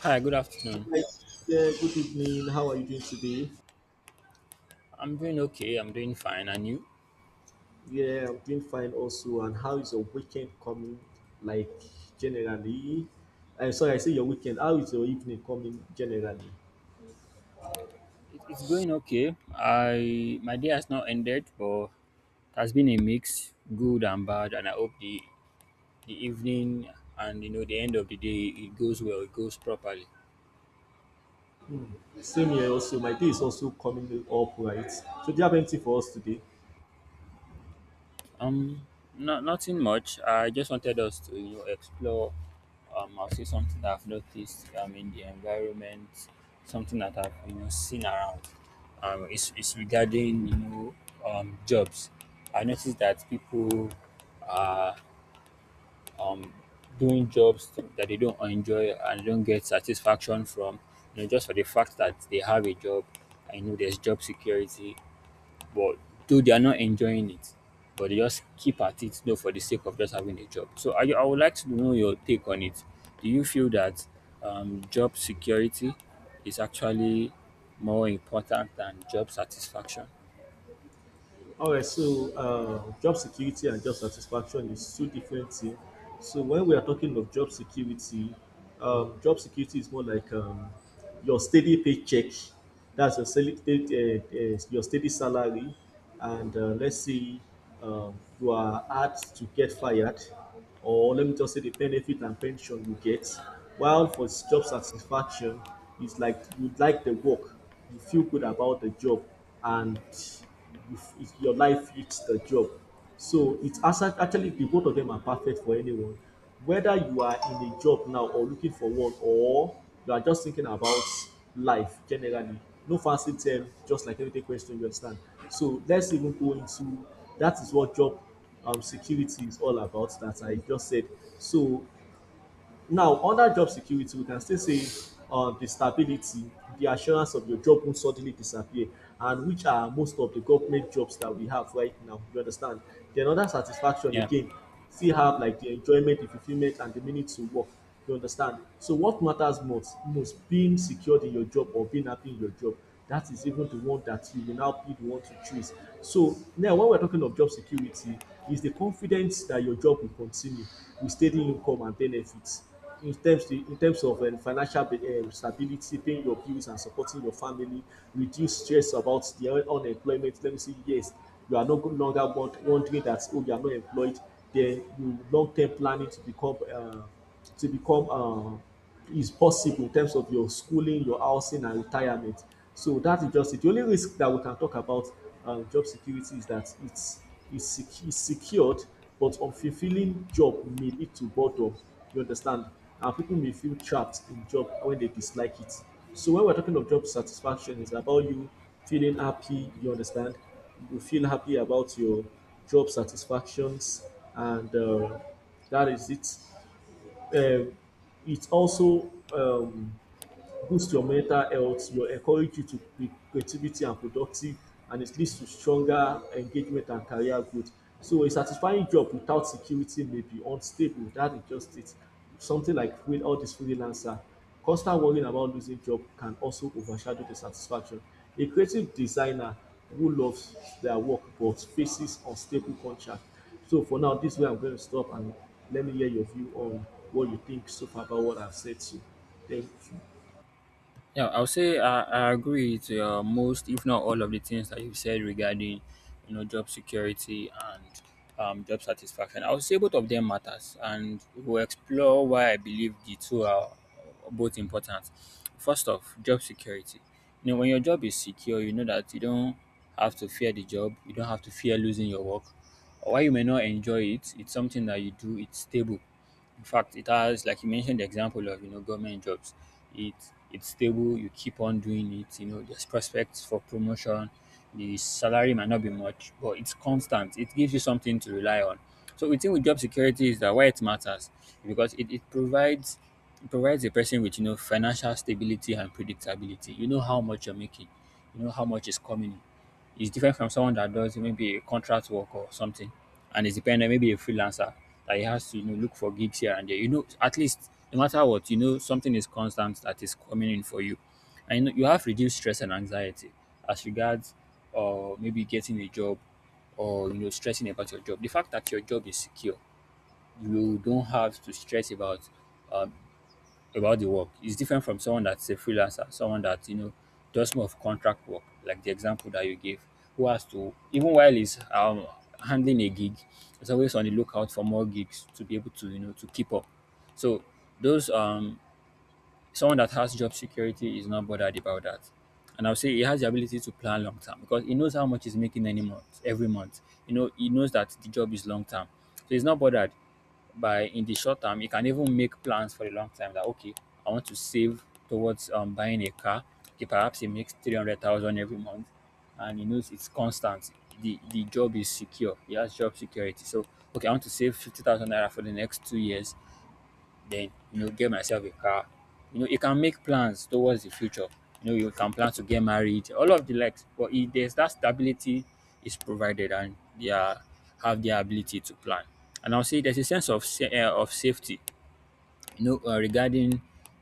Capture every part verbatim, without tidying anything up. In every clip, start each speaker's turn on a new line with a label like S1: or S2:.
S1: Hi, good afternoon.
S2: Hi, yeah, good evening. How are you doing today?
S1: I'm doing okay. I'm doing fine. And you?
S2: Yeah, I'm doing fine also. And how is your weekend coming? Like generally, I'm sorry, I say your weekend. How is your evening coming generally?
S1: It, it's going okay. I my day has not ended, but it has been a mix, good and bad. And I hope the the evening and you know the end of the day it goes well. It goes properly.
S2: Same here also. My day is also coming up, right? So do you have anything for us today?
S1: Um, no, nothing much. I just wanted us to you know, explore. Um, I'll say something that I've noticed. Um, in the environment, something that I've you know seen around. Um, it's, it's regarding you know um jobs. I noticed that people are um doing jobs that they don't enjoy and don't get satisfaction from. You know, just for the fact that they have a job. I know there's job security, but though they are not enjoying it, but they just keep at it, though, for the sake of just having a job. So I, I would like to know your take on it. Do you feel that um, job security is actually more important than job satisfaction?
S2: All right, so uh, job security and job satisfaction is two different things. So when we are talking of job security, um, job security is more like um, your steady paycheck. That's your steady, uh, uh, your steady salary, and uh, let's say um, you are asked to get fired, or let me just say the benefit and pension you get. While for job satisfaction, it's like you like the work, you feel good about the job, and if, if your life fits the job. So it's asa- actually the both of them are perfect for anyone. Whether you are in a job now or looking for one, or you are just thinking about life generally, no fancy term, just like everyday question you understand. So let's even go into that is what job um, security is all about that I just said. So now under job security we can still say um the stability the assurance of your job won't suddenly disappear and which are most of the government jobs that we have right now you understand then under satisfaction
S1: Yeah.
S2: again still have like the enjoyment the fulfillment and the meaning to work. You understand? So what matters most, most being secured in your job or being happy in your job, that is even the one that you will now be the one to choose. So now when we're talking of job security, is the confidence that your job will continue with steady income and benefits. In terms, in terms of um, financial um, stability, paying your bills and supporting your family, reduce stress about the unemployment. Let me say, yes, you are no longer won- wondering that, oh, you are not employed. Then you long term planning to become uh, to become um, is possible in terms of your schooling, your housing, and retirement. So that is just it. The only risk that we can talk about um, job security is that it's it's, it's secured, but unfulfilling job may lead to boredom. You understand, and people may feel trapped in job when they dislike it. So when we're talking of job satisfaction, it's about you feeling happy. You understand, you feel happy about your job satisfactions, and uh, that is it uh, it also um, boost your mental health, your encourage you to be creativity and productive, and it leads to stronger engagement and career growth. So a satisfying job without security may be unstable. That is just it. Something like with all this freelancer, constant worrying about losing job can also overshadow the satisfaction. A creative designer who loves their work but faces unstable contract. So for now, this way I'm going to stop and let me hear your view on what you think so far about what I've said to you. Thank you.
S1: Yeah, I would say I, I agree to uh, most, if not all, of the things that you said regarding, you know, job security and um, job satisfaction. I would say both of them matters, and we'll explore why I believe the two are both important. First off, job security. You know, when your job is secure, you know that you don't have to fear the job. You don't have to fear losing your work. While you may not enjoy it, it's something that you do. It's stable. In fact, it has, like you mentioned, the example of you know government jobs. It it's stable. You keep on doing it. You know, there's prospects for promotion. The salary might not be much, but it's constant. It gives you something to rely on. So we think with job security is that why it matters because it, it provides it provides a person with you know financial stability and predictability. You know how much you're making. You know how much is coming in. Is different from someone that does maybe a contract work or something and is dependent, maybe a freelancer that he has to you know look for gigs here and there. You know, at least no matter what, you know something is constant that is coming in for you, and you, know, you have reduced stress and anxiety as regards or maybe getting a job or you know stressing about your job. The fact that your job is secure, you don't have to stress about. Um, about the work is different from someone that's a freelancer, someone that you know does more of contract work, like the example that you gave, who has to even while he's um, handling a gig, is always on the lookout for more gigs to be able to you know to keep up. So those um someone that has job security is not bothered about that. And I'll say he has the ability to plan long term because he knows how much he's making any month, every month. You know, he knows that the job is long term. So he's not bothered by in the short term you can even make plans for a long time that okay I want to save towards um, buying a car. Okay, perhaps he makes three hundred thousand every month and he knows it's constant. The the job is secure, he has job security, so okay, I want to save fifty thousand naira for the next two years, then you know get myself a car. You know you can make plans towards the future. You know you can plan to get married all of the likes but if there's that stability is provided and they are have the ability to plan. And I'll say there's a sense of sa- eh, of safety, you know, uh, regarding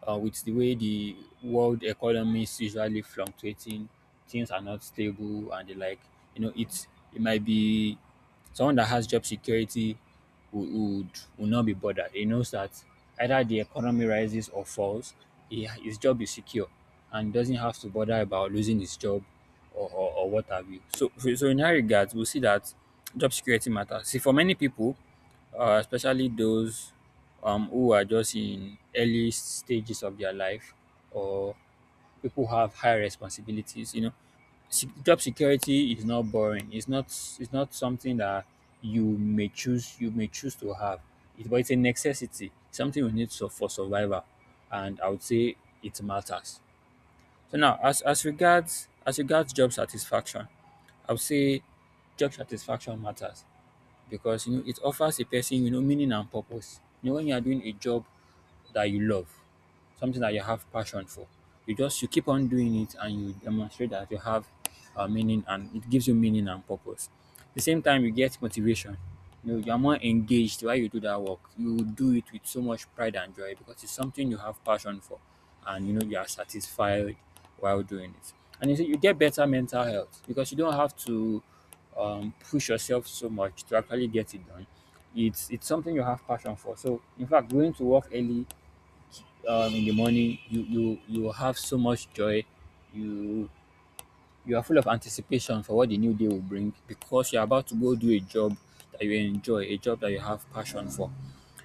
S1: uh, with the way the world economy is usually fluctuating, things are not stable and the like. You know, it's it might be someone that has job security would would, would not be bothered. He knows that either the economy rises or falls, he, his job is secure and doesn't have to bother about losing his job or, or, or what have you. So, so in that regard, we'll see that job security matters. See, for many people, uh, especially those um, who are just in early stages of their life or people who have high responsibilities you know se- job security is not boring, it's not, it's not something that you may choose you may choose to have it, but it's a necessity, something we need so for survival. And I would say it matters. So now as as regards as regards job satisfaction, I would say job satisfaction matters because you know it offers a person you know meaning and purpose. You know when you are doing a job that you love, something that you have passion for. You just you keep on doing it and you demonstrate that you have uh, meaning and it gives you meaning and purpose. At the same time you get motivation. You know, you're more engaged while you do that work. You do it with so much pride and joy because it's something you have passion for and you know you are satisfied while doing it. And you see, you get better mental health because you don't have to um, push yourself so much to actually get it done. It's it's something you have passion for. So in fact, going to work early um, in the morning, you you you will have so much joy. You you are full of anticipation for what the new day will bring because you're about to go do a job that you enjoy, a job that you have passion for.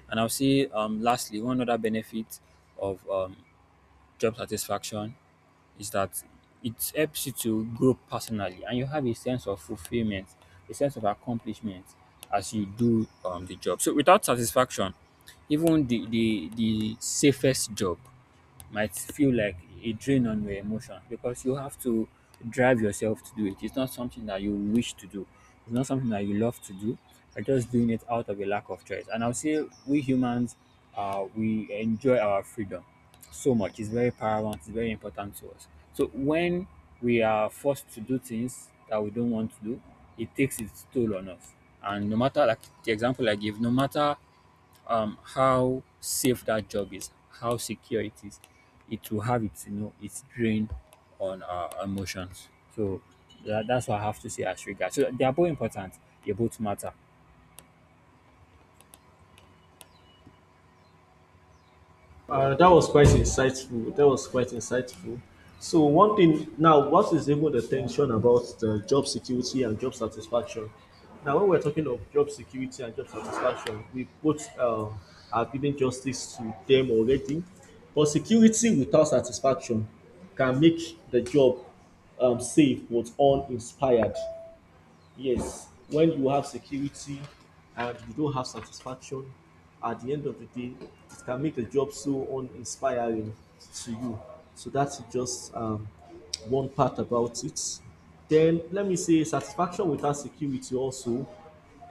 S1: And I'll say, um, lastly, one other benefit of um, job satisfaction is that it helps you to grow personally, and you have a sense of fulfillment, a sense of accomplishment as you do um, the job. So without satisfaction, even the the the safest job might feel like a drain on your emotions because you have to drive yourself to do it. It's not something that you wish to do. It's not something that you love to do. You're just doing it out of a lack of choice. And I'll say we humans, uh, we enjoy our freedom so much. It's very paramount. It's very important to us. So when we are forced to do things that we don't want to do, it takes its toll on us. And no matter like the example I give, no matter um how safe that job is, how secure it is, it will have its you know its drain on our emotions. So that, that's what I have to say as regards. So they are both important. They both matter.
S2: Uh, that was quite insightful. That was quite insightful. So one thing now, what is even the tension about the job security and job satisfaction? Now, when we're talking of job security and job satisfaction, we both uh, are giving justice to them already. But security without satisfaction can make the job um, safe but uninspired. Yes, when you have security and you don't have satisfaction, at the end of the day, it can make the job so uninspiring to you. So that's just um, one part about it. Then let me say satisfaction without security also,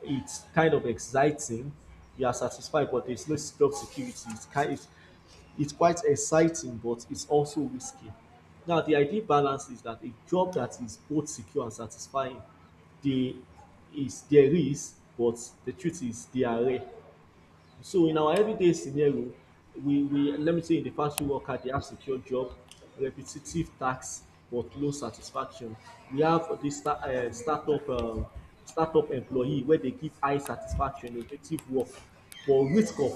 S2: it's kind of exciting. You are satisfied, but there's no job security. It's kind, it's, it's quite exciting, but it's also risky. Now, the ideal balance is that a job that is both secure and satisfying, there is there is, but the truth is they are rare. So in our everyday scenario, we, we let me say in the factory worker, they have secure job, repetitive tasks, but low satisfaction. We have this sta- uh, startup um, startup employee where they give high satisfaction, innovative work, but risk of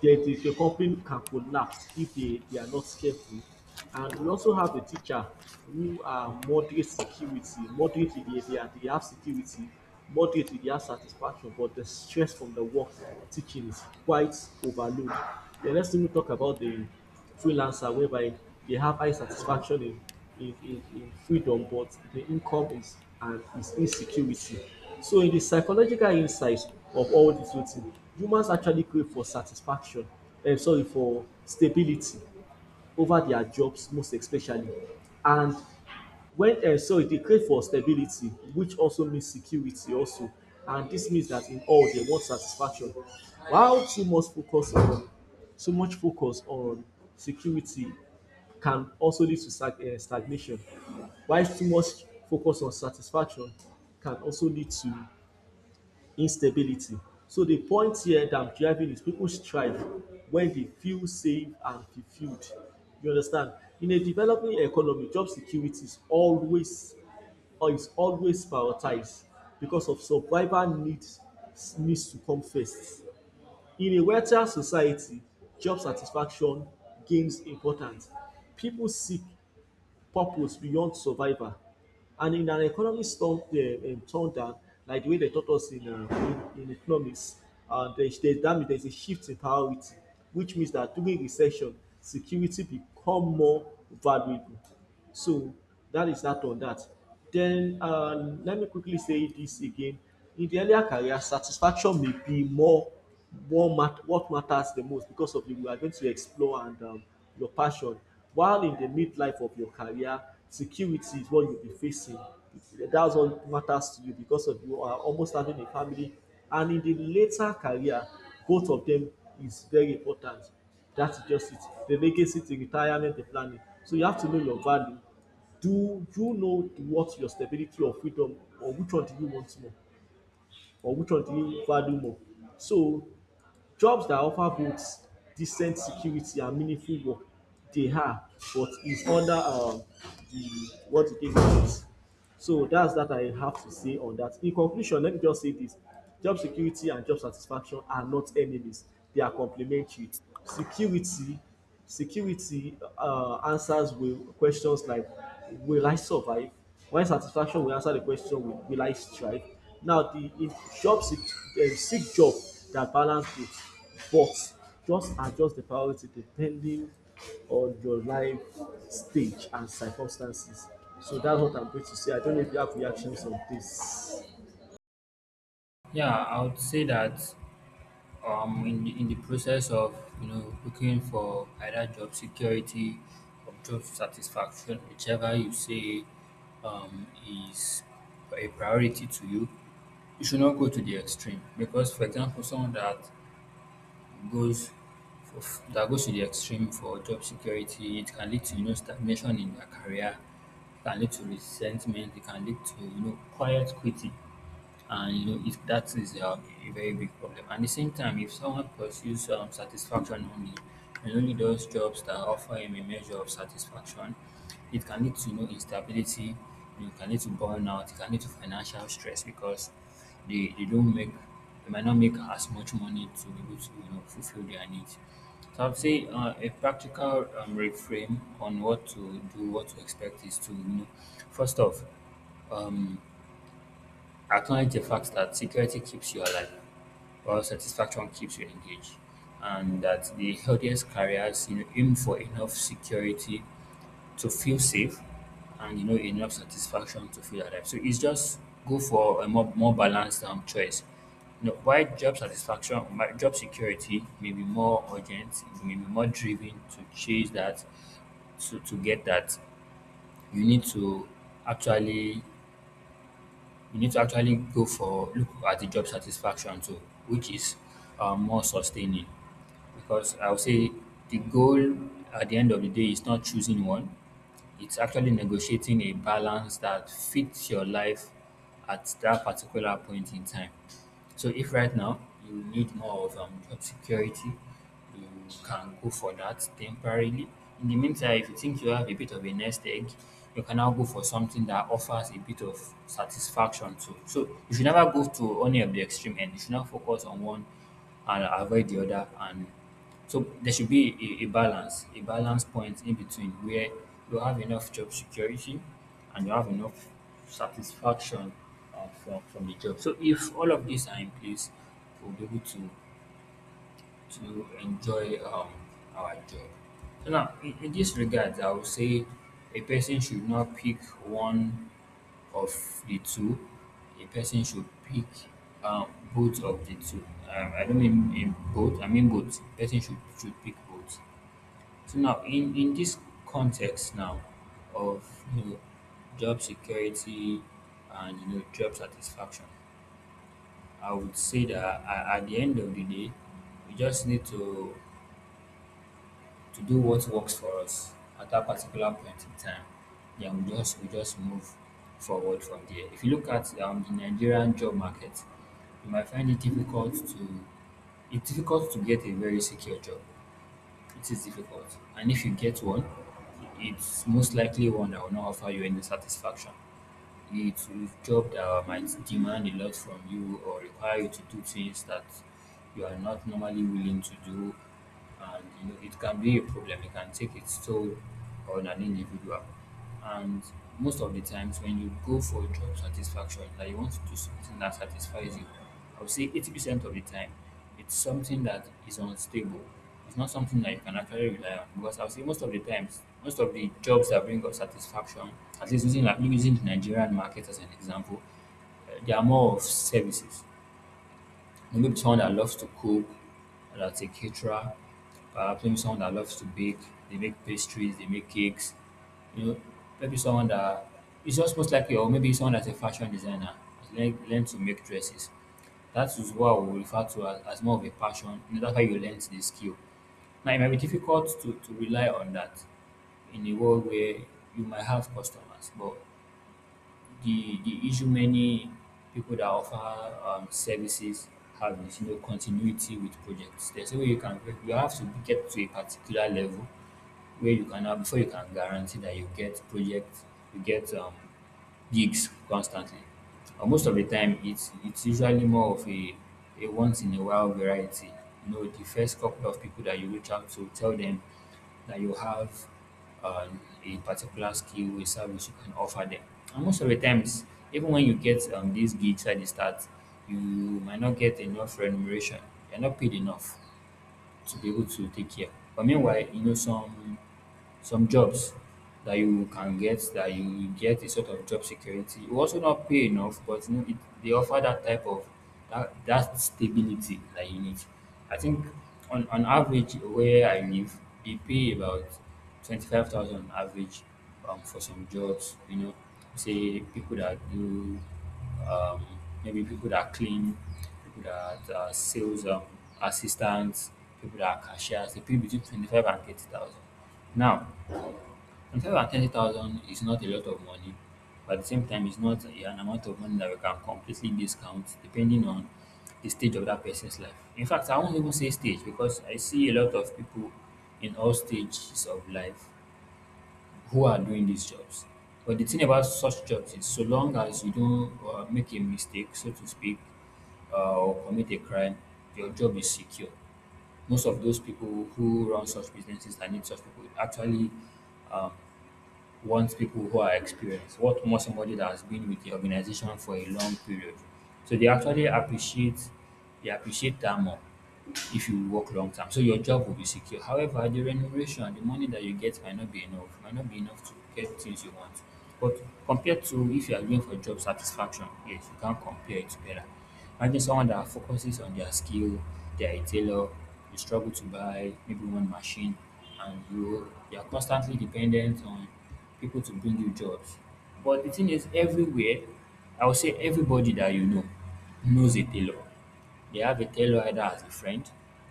S2: the the the company can collapse if they, they are not careful. And we also have a teacher who are moderate security, moderate they, they, are, they have security, moderate they have satisfaction, but the stress from the work teaching is quite overload. The next thing we talk about the freelancer whereby they have high satisfaction in in, in, in freedom, but the income is and is insecurity. So in the psychological insights of all these two things, humans actually crave for satisfaction, um, sorry, for stability over their jobs most especially. And when um so e dey crave for stability which also means security also and this means that in all they want satisfaction while too much focus on too much focus on security can also lead to stag um stagnation while too much focus on satisfaction can also lead to instability. So the point here that I'm driving is people strive when they feel safe and fulfilled. You understand, in a developing economy job security is always is always prioritized because of survival needs needs to come first. In a Western society, job satisfaction gains importance. People seek purpose beyond survival. And in an economic storm, uh, um, thunder, like the way they taught us in, uh, in, in economics, uh, there's, there's, that means there's a shift in priority, which means that during recession, security become more valuable. So that is that on that. Then um, let me quickly say this again. In the earlier career, satisfaction may be more what, mat- what matters the most because of you we are going to explore and um, your passion. While in the midlife of your career, security is what you'll be facing. That's what matters to you because of you are almost having a family. And in the later career, both of them is very important. That's just it. The legacy, the retirement, the planning. So you have to know your value. Do you know what your stability or freedom or which one do you want more or which one do you value more? So jobs dat offer both decent security and meaningful work dey hard but is under um di world economy. So that's that I have to say on that. In conclusion, let me just say this job security and job satisfaction are not enemies, they are complementary. Security security uh, answers will questions like, will I survive? While satisfaction will answer the question, will, will I strive? Now the if job seek, uh, seek job that balance both, but just adjust the priority depending on your life stage and circumstances. So that's what I'm going to say. I don't know if you have reactions on this.
S1: Yeah, I would say that um in the, in the process of you know looking for either job security or job satisfaction, whichever you say um is a priority to you, you should not go to the extreme because for example someone that goes for that goes to the extreme for job security, it can lead to you know stagnation in their career, it can lead to resentment, it can lead to you know quiet quitting and you know it, that is a, a very big problem. At the same time if someone pursues um, satisfaction only and only those jobs that offer him a measure of satisfaction, it can lead to you know instability, it can lead to burnout, it can lead to financial stress because they, they don't make they might not make as much money to be able to you know fulfill their needs. So I'd say uh, a practical um, reframe on what to do what to expect is to you know first off um, acknowledge the fact that security keeps you alive, while satisfaction keeps you engaged, and that the healthiest careers you know, aim for enough security to feel safe, and you know enough satisfaction to feel alive. So it's just go for a more more balanced um, choice. You know, why job satisfaction, my job security may be more urgent, it may be more driven to chase that, to, to get that. You need to actually you need to actually go for look at the job satisfaction too, which is um, more sustaining. Because I would say the goal at the end of the day is not choosing one; it's actually negotiating a balance that fits your life at that particular point in time. So if right now you need more of um, job security, you can go for that temporarily. In the meantime, if you think you have a bit of a nest egg, you can now go for something that offers a bit of satisfaction too. So you should never go to any of the extreme end. You should not focus on one and avoid the other. And so there should be a, a balance, a balance point in between where you have enough job security and you have enough satisfaction uh, from from the job. So if all of these are in place, we'll be able to to enjoy um, our job. So now, in, in this regard, I would say a person should not pick one of the two. A person should pick um, both of the two. Um, I don't mean in both. I mean both. A person should should pick both. So now, in in this context now of you know job security and you know job satisfaction, I would say that a- at the end of the day, we just need to to do what works for us at that particular point in time. Then we just we just move forward from there. If you look at um, the Nigerian job market, you might find it difficult to it's difficult to get a very secure job, it is difficult. And if you get one, it's most likely one that will not offer you any satisfaction. It's a job that might demand a lot from you or require you to do things that you are not normally willing to do. And you know, it can be a problem, it can take its toll on an individual. And most of the times, when you go for job satisfaction, that you want to do something that satisfies you, I would say eighty percent of the time, it's something that is unstable, it's not something that you can actually rely on because I'll say most of the times, most of the jobs that bring us satisfaction, at least using like using the Nigerian market as an example, uh, they are more of services. Maybe someone that loves to cook, that's a caterer, perhaps maybe someone that loves to bake, they make pastries, they make cakes, you know, maybe someone that is just most likely, or maybe someone that's a fashion designer, has learn learned to make dresses. That is what we refer to as, as more of a passion. You know, that's how you learn the skill. Now it might be difficult to, to rely on that in a world where you might have customers, but the the issue many people that offer um, services have is, you know, continuity with projects. There's a way you can you have to get to a particular level where you can now before you can guarantee that you get projects, you get um, gigs constantly. Uh, most of the time, it's it's usually more of a, a once in a while variety. You know, the first couple of people that you reach out to, tell them that you have um, a particular skill, a service you can offer them. And most of the times, even when you get um, these gigs at the start, you might not get enough remuneration. You're not paid enough to be able to take care. But meanwhile, you know, some some jobs that you can get that you get a sort of job security. It will also not pay enough, but you know, it, they offer that type of that, that stability that you need. I think on, on average where I live, they pay about twenty five thousand average um, for some jobs. You know, say people that do um, maybe people that clean, people that are sales um, assistants, people that are cashiers. They pay between twenty five and thirty thousand. Now, one hundred and thirty thousand is not a lot of money, but at the same time, it's not an amount of money that we can completely discount depending on the stage of that person's life. In fact, I won't even say stage because I see a lot of people in all stages of life who are doing these jobs. But the thing about such jobs is, so long as you don't uh, make a mistake, so to speak, uh, or commit a crime, your job is secure. Most of those people who run such businesses and need such people actually um, wants people who are experienced, what more, somebody that has been with the organization for a long period. So they actually appreciate they appreciate that more if you work long term. So your job will be secure. However, the remuneration, the money that you get might not be enough, might not be enough to get things you want. But compared to if you are going for job satisfaction, yes, you can compare it better. Imagine someone that focuses on their skill, they're a tailor, you struggle to buy maybe one machine, and you you're constantly dependent on people to bring you jobs. But the thing is, everywhere, I would say everybody that you know knows a tailor. They have a tailor either as a friend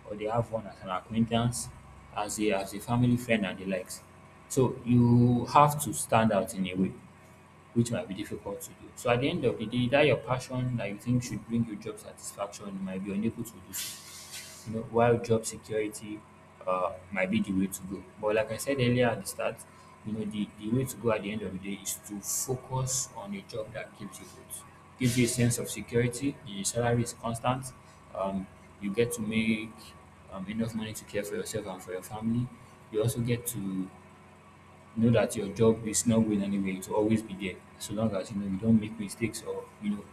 S1: or they have one as an acquaintance, as a as a family friend and the likes. So you have to stand out in a way, which might be difficult to do. So at the end of the day, that your passion that you think should bring you job satisfaction, you might be unable to do so. You know, while job security uh, might be the way to go. But like I said earlier at the start, you know, the, the way to go at the end of the day is to focus on a job that keeps you good, gives you a sense of security, the salary is constant, um, you get to make um, enough money to care for yourself and for your family. You also get to know that your job is not going anywhere. It will always be there, so long as you know you don't make mistakes or you know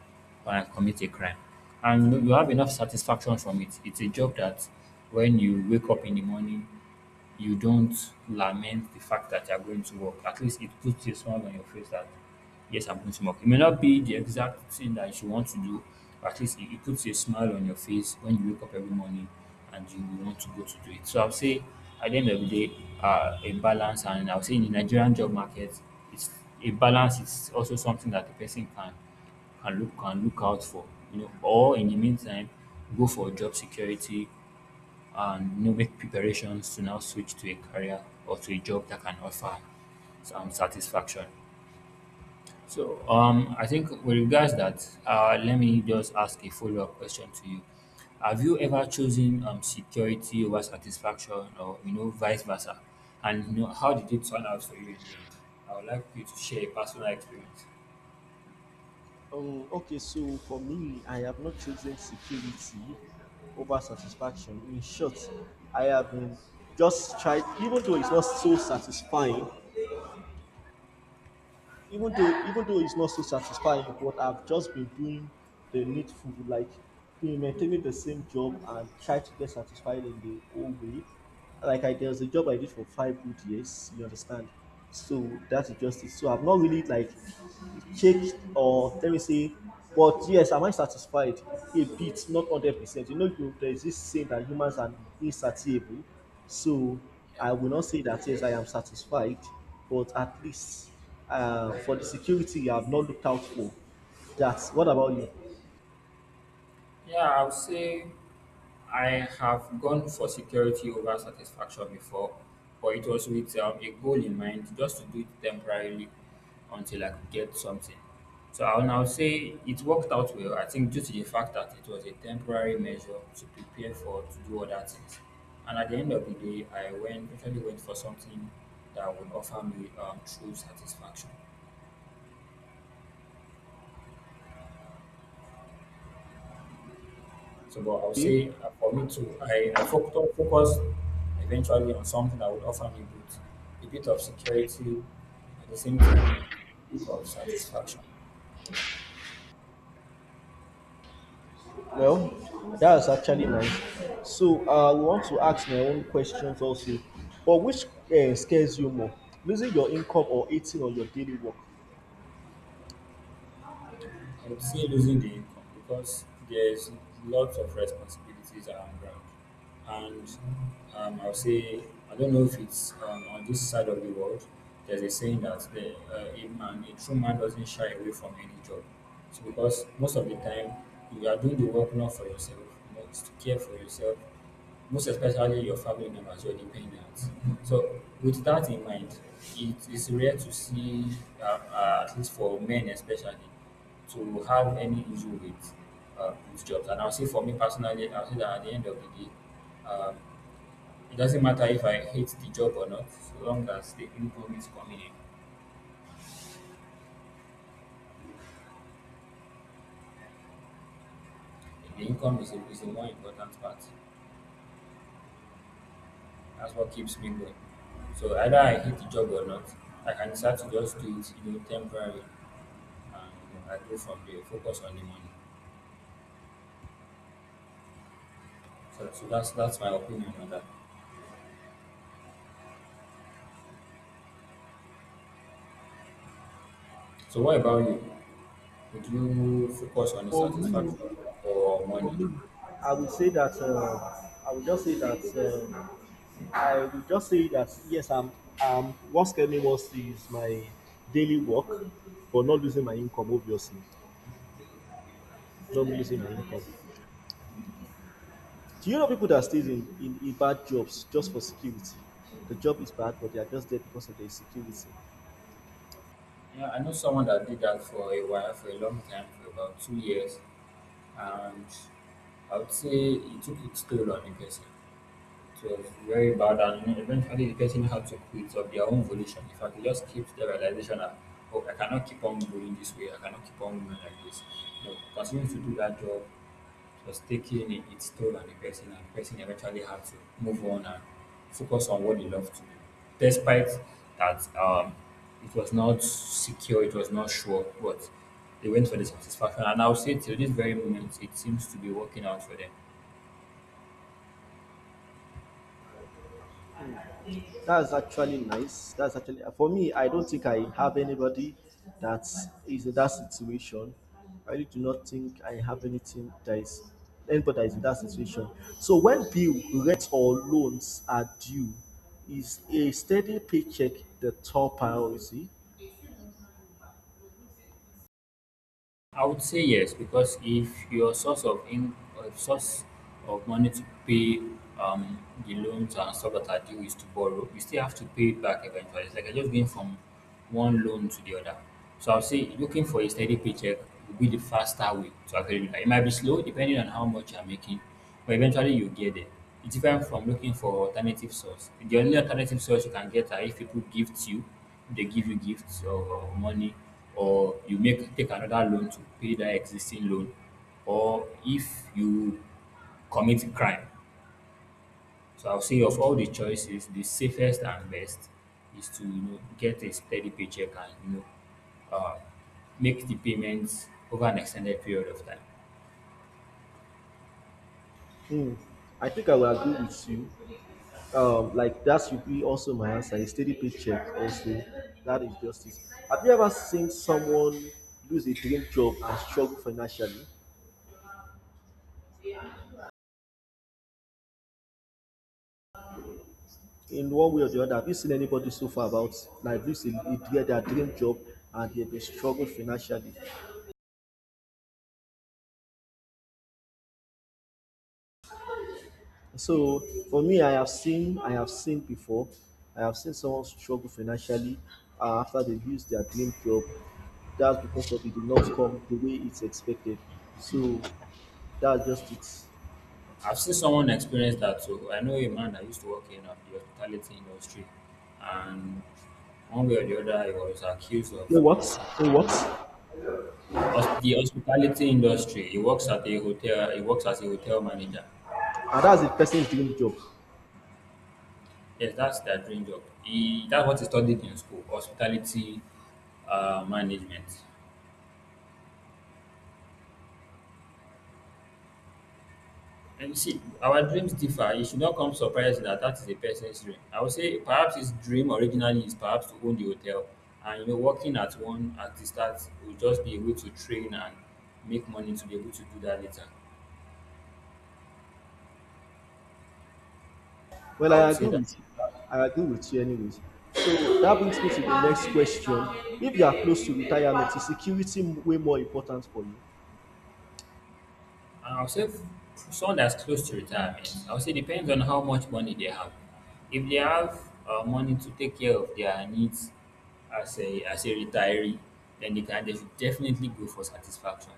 S1: uh, commit a crime, and you have enough satisfaction from it. It's a job that when you wake up in the morning you don't lament the fact that you're going to work. At least it puts a smile on your face that, yes, I'm going to work. It may not be the exact thing that you want to do, but at least it, it puts a smile on your face when you wake up every morning and you want to go to do it. So I'll say at the end of the day, uh, a balance, and I'll say in the Nigerian job market, it's a balance is also something that the person can can look can look out for, you know, or in the meantime, go for job security and you make preparations to now switch to a career or to a job that can offer some satisfaction. So um, I think with regards that, uh, let me just ask a follow-up question to you. Have you ever chosen um, security over satisfaction, or you know, vice versa? And you know, how did it turn out for you in the end? I would like you to share a personal experience.
S2: Um, okay, so for me, I have not chosen security over satisfaction. In short, I have been just tried, even though it's not so satisfying, even though even though it's not so satisfying but I've just been doing the needful like been maintaining the same job and try to get satisfied in the old way like I there was a job I did for five good years you understand so that's just it so I've not really like checked or let me say but yes am I satisfied a bit not hundred percent you know you- there is this saying that humans are insatiable so I will not say that yes I am satisfied but at least uh, for the security you have not looked out for. That's what about you?
S1: Yeah, I would say I have gone for security over satisfaction before, but it was with um, a goal in mind just to do it temporarily until I could get something. So I will now say it worked out well, I think, due to the fact that it was a temporary measure to prepare for to do other things. And at the end of the day, I went actually went for something that would offer me um, true satisfaction. So, but I would
S2: Okay.
S1: say uh, for me too, I, I focus, focus eventually on something that would offer me both a bit of security, at the same time, a bit of satisfaction.
S2: Well, that's actually nice. So uh, we want to ask my own questions also. But which uh, scares you more, losing your income or eating on your daily work?
S1: I would say losing the income because there's lots of responsibilities around ground. And um, I would say, I don't know if it's um, on this side of the world, there's a saying that the, uh, a man, a true man doesn't shy away from any job. So because most of the time, you are doing the work not for yourself, you know, it's to care for yourself, most especially your family members, your dependents. So, with that in mind, it is rare to see, uh, uh, at least for men especially, to have any issue with uh, with jobs. And I'll say for me personally, I'll say that at the end of the day, um, it doesn't matter if I hate the job or not, so long as the income is coming in. And the income is a, is the more important part. That's what keeps me going. So either I hate the job or not, I can start to just do it, you know, temporarily, and you know, I go from there, focus on the money. So, so that's that's my opinion on that. So what about you? Would you focus on the
S2: For me,
S1: satisfaction or money?
S2: for me, I would say that uh, I would just say that uh, I would just say that yes, I'm. Um, what scares me most is my daily work, but not losing my income. Obviously, not losing my
S1: Okay.
S2: income. Do you know people that stays in, in, in bad jobs just for security? The job is bad, but they are just there because of the insecurity.
S1: Yeah, I know someone that did that for a while, for a long time, for about two years, and I would say it took its toll on the person. It was very bad, and eventually the person had to quit of their own volition. If I could just keep the realization that, oh, I cannot keep on going this way, I cannot keep on going like this. You know, continuing to do that job was taking its toll on the person, and the person eventually had to move on and focus on what they love to do, despite that um, it was not secure, it was not sure, but they went for the satisfaction. And I'll say till this very moment, it seems to be working out for them.
S2: That's actually nice. That's actually for me. I don't think I have anybody that is in that situation. I really do not think I have anything that is anybody that is in that situation. So when bill, rent, or loans are due, is a steady paycheck the top priority?
S1: I would say yes, because if your source of in uh, source of money to pay um, the loans and stuff that are due is to borrow, you still have to pay it back eventually. It's like you're just going from one loan to the other. So I'll say looking for a steady paycheck will be the faster way to actually do that. It might be slow depending on how much you're making, but eventually you get there. It's different from looking for alternative source. The only alternative source you can get are if people gift you, they give you gifts or or money, or you make take another loan to pay that existing loan, or if you commit crime. So I'll say of all the choices, the safest and best is to you know get a steady paycheck and you know uh, make the payments over an extended period of time.
S2: Hmm. I think I will agree with you. Um, like that should be also my answer. A steady paycheck also. That is justice. Have you ever seen someone lose a dream job and struggle financially? In one way or the other, have you seen anybody so far about like lose a, a, their their dream job and they've been struggled financially? So for me, I have seen I have seen before. I have seen someone struggle financially uh, after they lose their dream job. That's because of it did not come the way it's expected. So that's just it.
S1: I've seen someone experience that too. I know a man that used to work in uh, the hospitality industry, and one way or the other, he was accused
S2: It
S1: of doing
S2: works.
S1: some.
S2: It works.
S1: hos- The hospitality industry. He works at a hotel. He works as a hotel manager.
S2: And that's the person's dream job.
S1: Yes, that's their dream job. He that's what he studied in school: hospitality uh, management. And you see, our dreams differ. It should not come surprising that that is a person's dream. I would say perhaps his dream originally is perhaps to own the hotel, and you know, working at one at the start will just be a way to train and make money to be able to do that later.
S2: Well,
S1: I
S2: I
S1: would
S2: agree
S1: say that.
S2: with you. I agree with you, anyways. So that brings me to the next question. If you are close to retirement, is security way more important for you?
S1: And I would say f- someone that's close to retirement. I would say depends on how much money they have. If they have uh, money to take care of their needs as a as a retiree, then they can they should definitely go for satisfaction.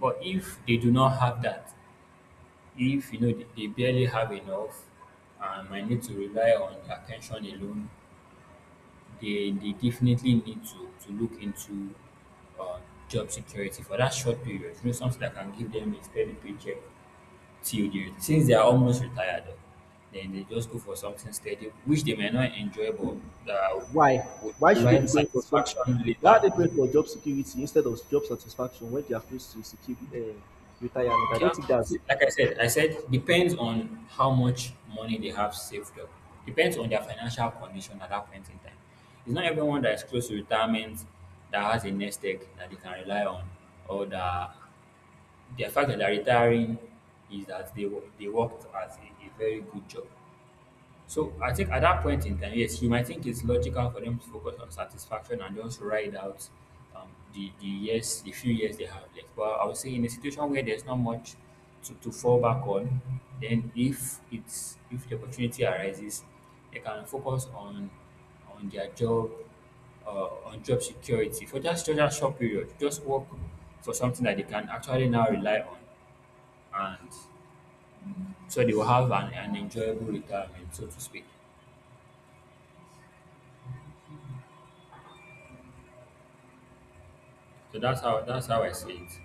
S1: But if they do not have that, if you know they, they barely have enough and might need to rely on attention alone, they, they definitely need to, to look into uh, job security for that short period. You know, something that can give them a steady paycheck till they since they are almost retired, then they just go for something steady, which they may not enjoy but that
S2: Why?
S1: would
S2: Why should they be
S1: provide
S2: going for some
S1: satisfaction
S2: Why are
S1: later.
S2: they going for job security instead of job satisfaction when they are close to secure um retirement? I don't
S1: Yeah,
S2: think that's.
S1: like I said, I said depends on how much money they have saved up. Depends on their financial condition at that point in time. It's not everyone that is close to retirement that has a nest egg that they can rely on, or that the fact that they're retiring is that they wo- they worked at a, a very good job. So I think at that point in time, yes, you might think it's logical for them to focus on satisfaction and just ride out um, the, the years, the few years they have left. But I would say in a situation where there's not much to, to fall back on, then if it's if the opportunity arises, they can focus on on their job, uh, on job security for just just that short period. Just work for something that they can actually now rely on, and so they will have an, an enjoyable retirement, so to speak. So that's how that's how I see it. So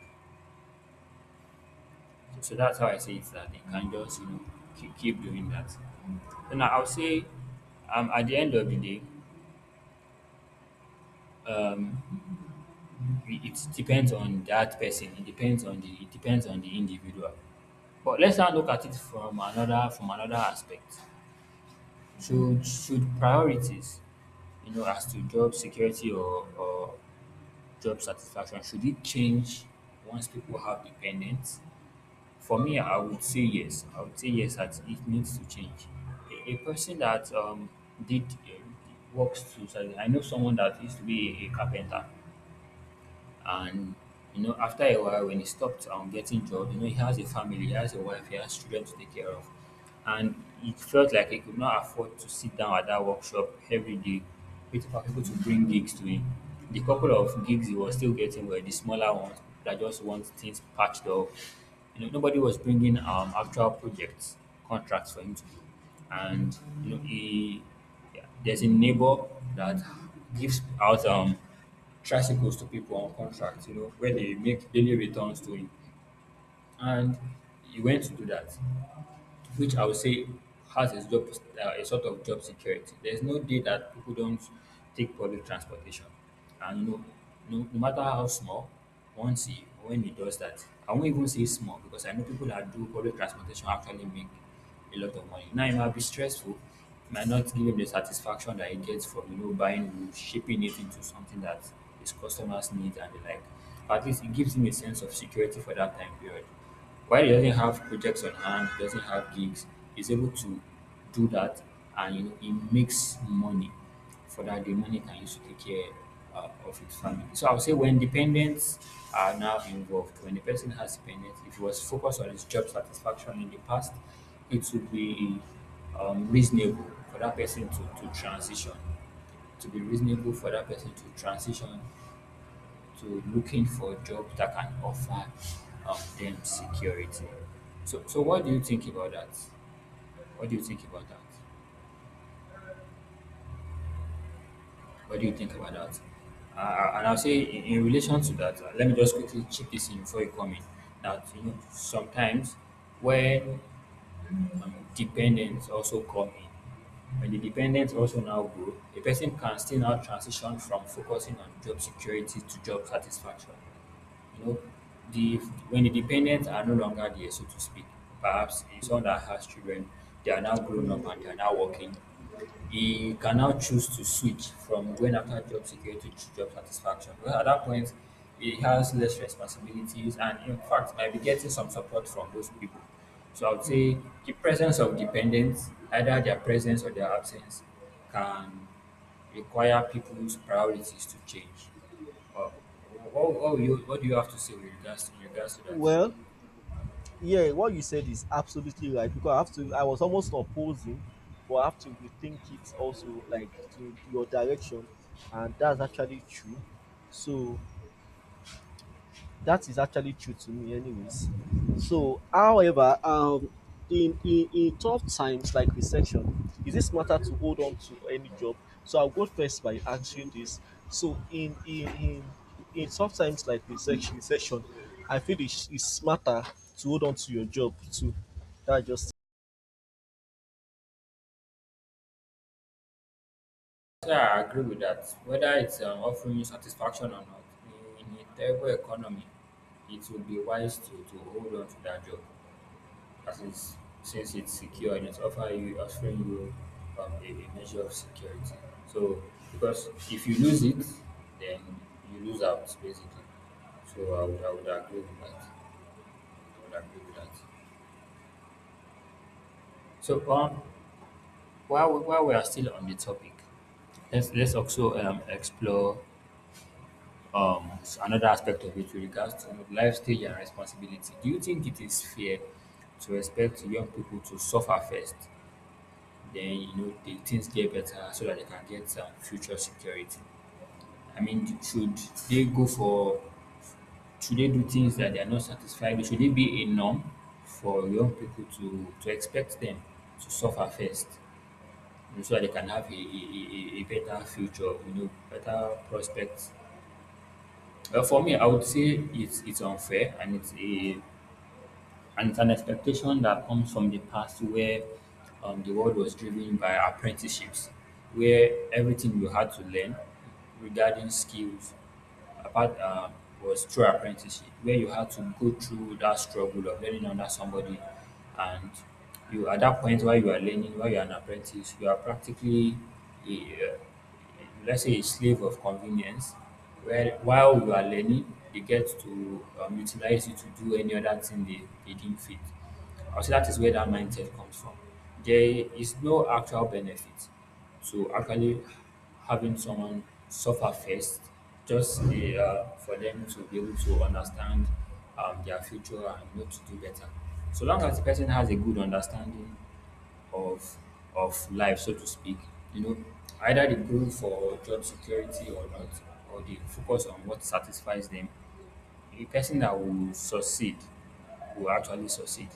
S1: so that's how I see it that they can just you know keep, keep doing that. So now I'll say, um, at the end of the day, it it depends on that person. It depends on the it depends on the individual. But let's now look at it from another from another aspect. Should should priorities, you know, as to job security or, or job satisfaction, should it change once people have dependents? For me, I would say yes. I would say yes that it needs to change. A, a person that um, did uh, works to. So I know someone that used to be a, a carpenter, and you know after a while, when he stopped um, getting job, you know he has a family, he has a wife, he has children to take care of. And he felt like he could not afford to sit down at that workshop every day, waiting for people to bring gigs to him. The couple of gigs he was still getting were the smaller ones that just want things patched up. You know nobody was bringing um actual projects contracts for him to do. And you know he yeah, there's a neighbor that gives out um tricycles to people on contract, you know, where they make daily returns to him. And he went to do that, which I would say has a job, uh, a sort of job security. There's no day that people don't take public transportation, and no, no, no matter how small, once he when he does that, I won't even say small because I know people that do public transportation actually make a lot of money. Now it might be stressful, it might not give him the satisfaction that he gets from you know buying wood, shipping it into something that his customers need and the like. But at least it gives him a sense of security for that time period. While he doesn't have projects on hand, he doesn't have gigs, he's able to do that, and you know, he makes money for that the money he can use to take care uh, of his family. So I would say when dependents are now involved, when the person has dependents, if he was focused on his job satisfaction in the past, it would be um, reasonable for that person to, to transition to be reasonable for that person to transition to looking for jobs that can offer um, them security. So, so what do you think about that? What do you think about that? What do you think about that? Uh, and I'll say in, in relation to that, uh, let me just quickly chip this in before you come in. That, you know, sometimes when um, dependents also come in. When the dependents also now grow, a person can still now transition from focusing on job security to job satisfaction. You know, the when the dependents are no longer there, so to speak, perhaps in someone that has children, they are now grown up and they are now working. He can now choose to switch from going after job security to job satisfaction. Because at that point, he has less responsibilities and, in fact, might be getting some support from those people. So I would
S2: Hmm.
S1: say the presence of dependents, either their presence or their absence, can require people's priorities to change. What, what, what, will you, what do you have to say with regards, in regards to that?
S2: Well, yeah, what you said is absolutely right because I have to. I was almost opposing, but I have to rethink it also, like to your direction, and that's actually true. So that is actually true to me anyways. So however, um in in in tough times like recession, is it smarter to hold on to any job? So I'll go first by answering this. So in in in in tough times like recession recession I feel it's, it's smarter to hold on to your job too. That's just.
S1: Yeah, I agree with that. Whether it's um, offering you satisfaction or not, in a terrible economy, it would be wise to, to hold on to that job, as it's, since it's secure and it's offer you, offering you um, a, a measure of security. So, because if you lose it, then you lose out basically. So I would, I would agree with that. I would agree with that. So um, while, we- while we are still on the topic, let's, let's also um, explore um, s- another aspect of it with regards to, you know, life stage and responsibility. Do you think it is fair to expect young people to suffer first, then you know the things get better so that they can get some future security? I mean, should they go for should they do things that they are not satisfied with? Should it be a norm for young people to to expect them to suffer first, you know, so that they can have a, a, a a- a better future, you know, better prospects. Uh, for me, I would say it's it's unfair, and it's a and it's an expectation that comes from the past where um, the world was driven by apprenticeships, where everything you had to learn regarding skills apart um, was through apprenticeship, where you had to go through that struggle of learning under somebody, and you at that point, while you are learning, while you are an apprentice, you are practically, let's say, a slave of convenience, where while you are learning they get to um, utilize you to do any other thing they, they deem fit. I say that is where that mindset comes from. There is no actual benefit to actually having someone suffer first just the, uh, for them to be able to understand um, their future and know to do better, so long as the person has a good understanding of of life, so to speak. You know, either they go for job security or not, or they focus on what satisfies them. A person that will succeed will actually succeed,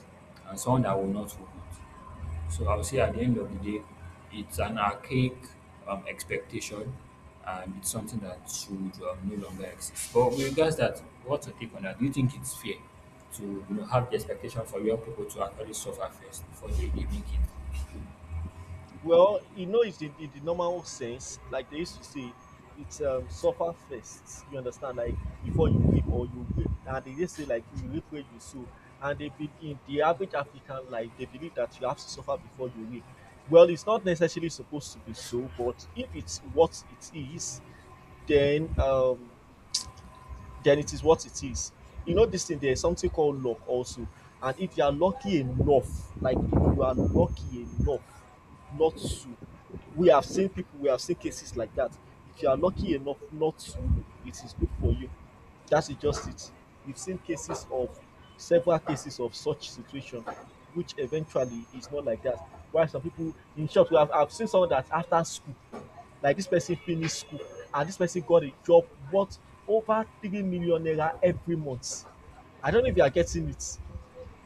S1: and someone that will not will not. So I would say, at the end of the day, it's an archaic um, expectation, and it's something that should um, no longer exist. But with regards that, what's your take on that? Do you think it's fair to you know have the expectation for young people to actually suffer first before they, they make it?
S2: Well, you know, it's the, the, the normal sense, like they used to say, it's um, suffer first. You understand, like before you weep or you weep, and they just say like you reap where you sow. And they be, in the average African life, they believe that you have to suffer before you weep. Well, it's not necessarily supposed to be so, but if it's what it is, then um, then it is what it is. You know, this thing, there's something called luck also. And if you are lucky enough, like if you are lucky enough not to, we have seen people, we have seen cases like that. If you are lucky enough not to, it is good for you. That is just it. We've seen cases of several cases of such situation, which eventually is not like that. Why some people, in short, we have, I've seen someone that after school, like this person finished school and this person got a job worth over three million naira every month. I don't know if you are getting it.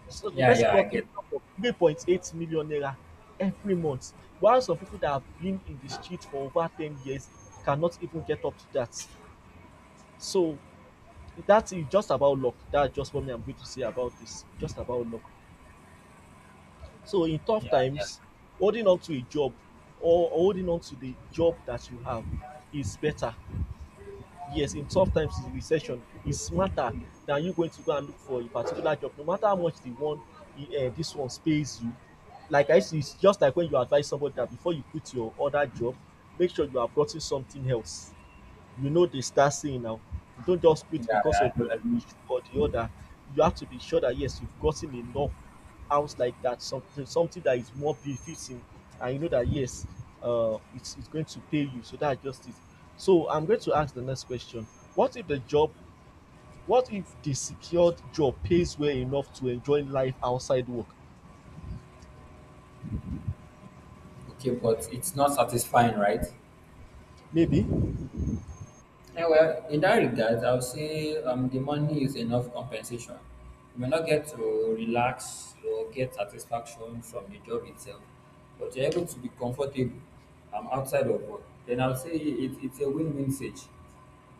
S2: So the
S1: Yeah,
S2: person
S1: yeah, I
S2: got
S1: get.
S2: income of three point eight million naira every month. While some people that have been in the street for over ten years cannot even get up to that. So that is just about luck. That's just what me I'm going to say about this. Just about luck. So in tough
S1: Yeah, yeah,
S2: times, holding on to a job or holding on to the job that you have is better. Yes, in tough times in recession is smarter than you going to go and look for a particular job, no matter how much the one uh, this one pays you. Like I used to, it's just like when you advise somebody that before you quit your other job, make sure you have gotten something else. You know, they start saying now. You don't just quit
S1: yeah.
S2: because of
S1: I do,
S2: one
S1: I do.
S2: issue or the other. You have to be sure that yes, you've gotten enough out like that, something something that is more befitting, and you know that yes, uh, it's it's going to pay you. So that's just it. So I'm going to ask the next question. What if the job? What if the secured job pays well enough to enjoy life outside work?
S1: Okay, but it's not satisfying, right?
S2: Maybe.
S1: Yeah, well, in that regard, I would say um, the money is enough compensation. You may not get to relax or get satisfaction from the job itself, but you're able to be comfortable um, outside of work. Then I would say it, it's a win-win stage.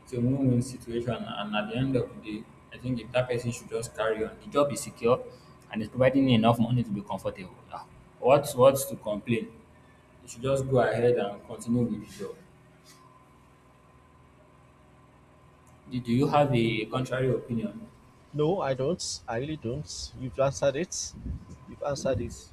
S1: It's a win-win situation, and at the end of the day, I think if that person should just carry on, the job is secure, and it's providing enough money to be comfortable. Ah, what's what's to complain? You should just go ahead and continue with the job. Do, do you have a contrary opinion?
S2: No, I don't. I really don't. You've answered it. You've answered it.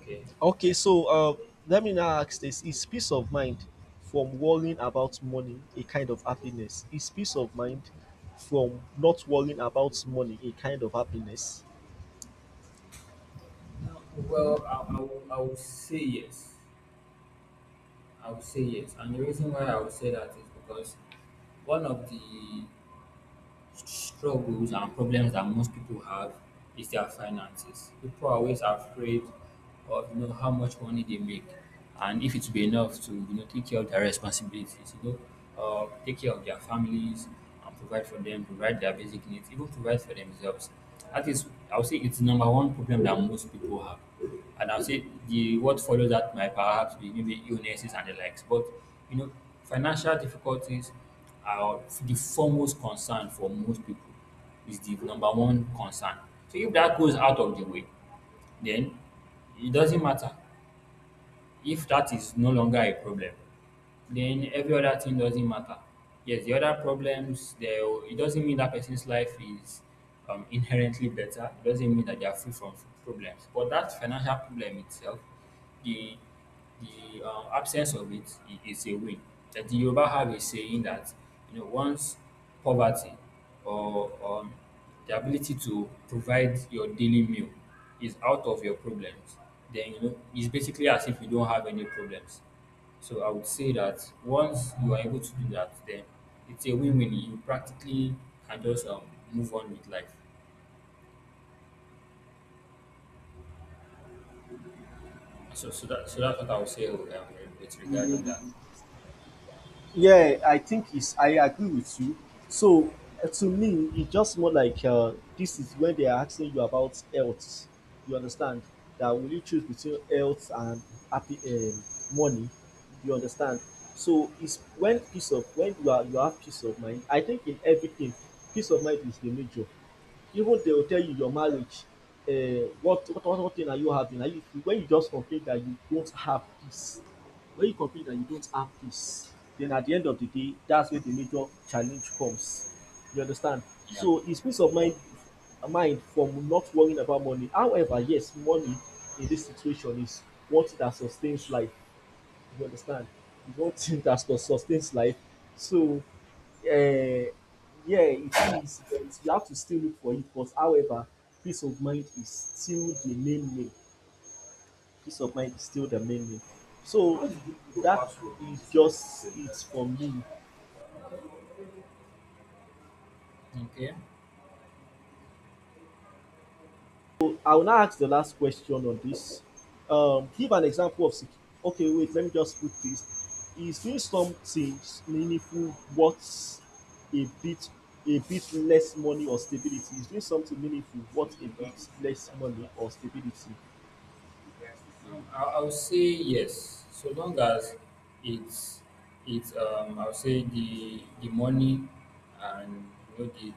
S1: Okay.
S2: Okay, so uh, let me now ask this: is peace of mind from worrying about money a kind of happiness? Is peace of mind from not worrying about money a kind of happiness?
S1: Uh, Well, I, I, will- I would say yes. I would say yes. And the reason why I would say that is because one of the struggles and problems that most people have is their finances. People are always afraid of you know how much money they make, and if it will be enough to you know take care of their responsibilities, you know, uh, take care of their families and provide for them, provide their basic needs, even provide for themselves. That is, I would say it's the number one problem that most people have. And I'll say the what follows that might perhaps be maybe illnesses and the likes. But you know, financial difficulties uh, the foremost concern for most people is the number one concern. So if that goes out of the way, then it doesn't matter. If that is no longer a problem, then every other thing doesn't matter. Yes, the other problems, they, it doesn't mean that person's life is um, inherently better. It doesn't mean that they are free from problems. But that financial problem itself, the the um, absence of it i- is a win. That the Yoruba have a saying that you know once poverty or um, the ability to provide your daily meal is out of your problems, then you know it's basically as if you don't have any problems. So I would say that once you are able to do that, then it's a win-win. You practically can just um, move on with life. So, so that so that's what I would say um, with regarding that.
S2: Yeah, I think it's, I agree with you. So uh, to me, it's just more like uh, this is when they are asking you about health. You understand, that will you choose between health and happy um, money? You understand? So it's when
S1: Yes.
S2: peace of when you are you have peace of mind. I think in everything, peace of mind is the major. Even they will tell you your marriage um what what what what thing are you having na you when you just complain that you don't have peace, when you complain that you don't have peace, then at the end of the day, that's where the major challenge comes. You understand?
S1: Yeah.
S2: So is peace of mind mind from not worrying about money? However, yes, money in this situation is one thing that sustains life. You understand? You don't think that sus- sustains life. So, uh, yeah, it is, but you have to still look for it. But however, peace of mind is still the main name. Peace of mind is still the main name. So how did you put your that password in is this just same it time? For me.
S1: Okay.
S2: I will now ask the last question on this. Um, give an example of sec- okay, wait, let me just put this. Is doing something meaningful worth a bit a bit less money or stability? Is doing something meaningful worth a bit less money or stability?
S1: Um, I, I would say yes. So long as it's it's um I would say the the money and you know the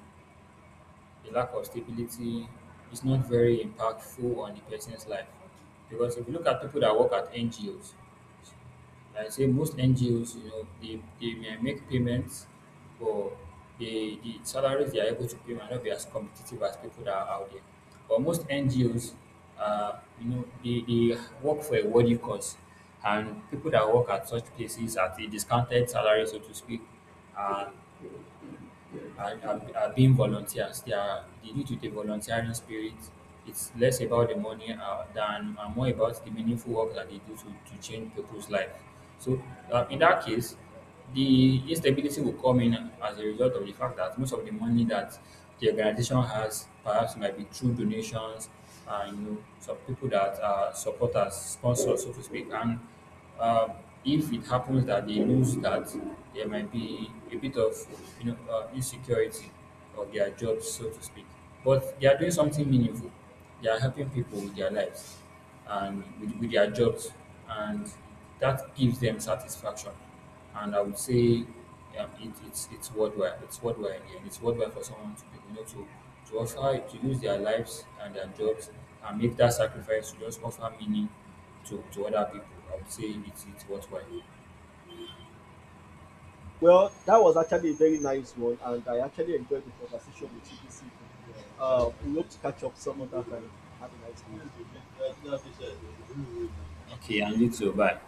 S1: the lack of stability is not very impactful on the person's life. Because if you look at people that work at N G Os, I say most N G Os, you know, they, they may make payments, but the, the salaries they are able to pay might not be as competitive as people that are out there. But most N G Os, uh, you know, they, they work for a worthy cause. And people that work at such places at a discounted salary, so to speak, uh, are, are, are being volunteers. They are they do it with a volunteering spirit. It's less about the money uh, than and more about the meaningful work that they do to, to change people's life. So uh, in that case, the instability will come in as a result of the fact that most of the money that the organization has perhaps might be through donations and you know, some people that are supporters, sponsors, so to speak, and um, if it happens that they lose that, there might be a bit of you know uh, insecurity of their jobs, so to speak. But they are doing something meaningful. They are helping people with their lives and with, with their jobs, and that gives them satisfaction. And I would say um, it, it's it's worthwhile. It's worthwhile in It's worthwhile for someone to be, you know to to offer to use their lives and their jobs and make that sacrifice to just offer meaning to, to other people. I would say it's it's worthwhile.
S2: Well, that was actually a very nice one, and I actually enjoyed the conversation with you this evening. Uh, we hope to catch up some other time. Have a nice day.
S1: Okay, and you too. Bye.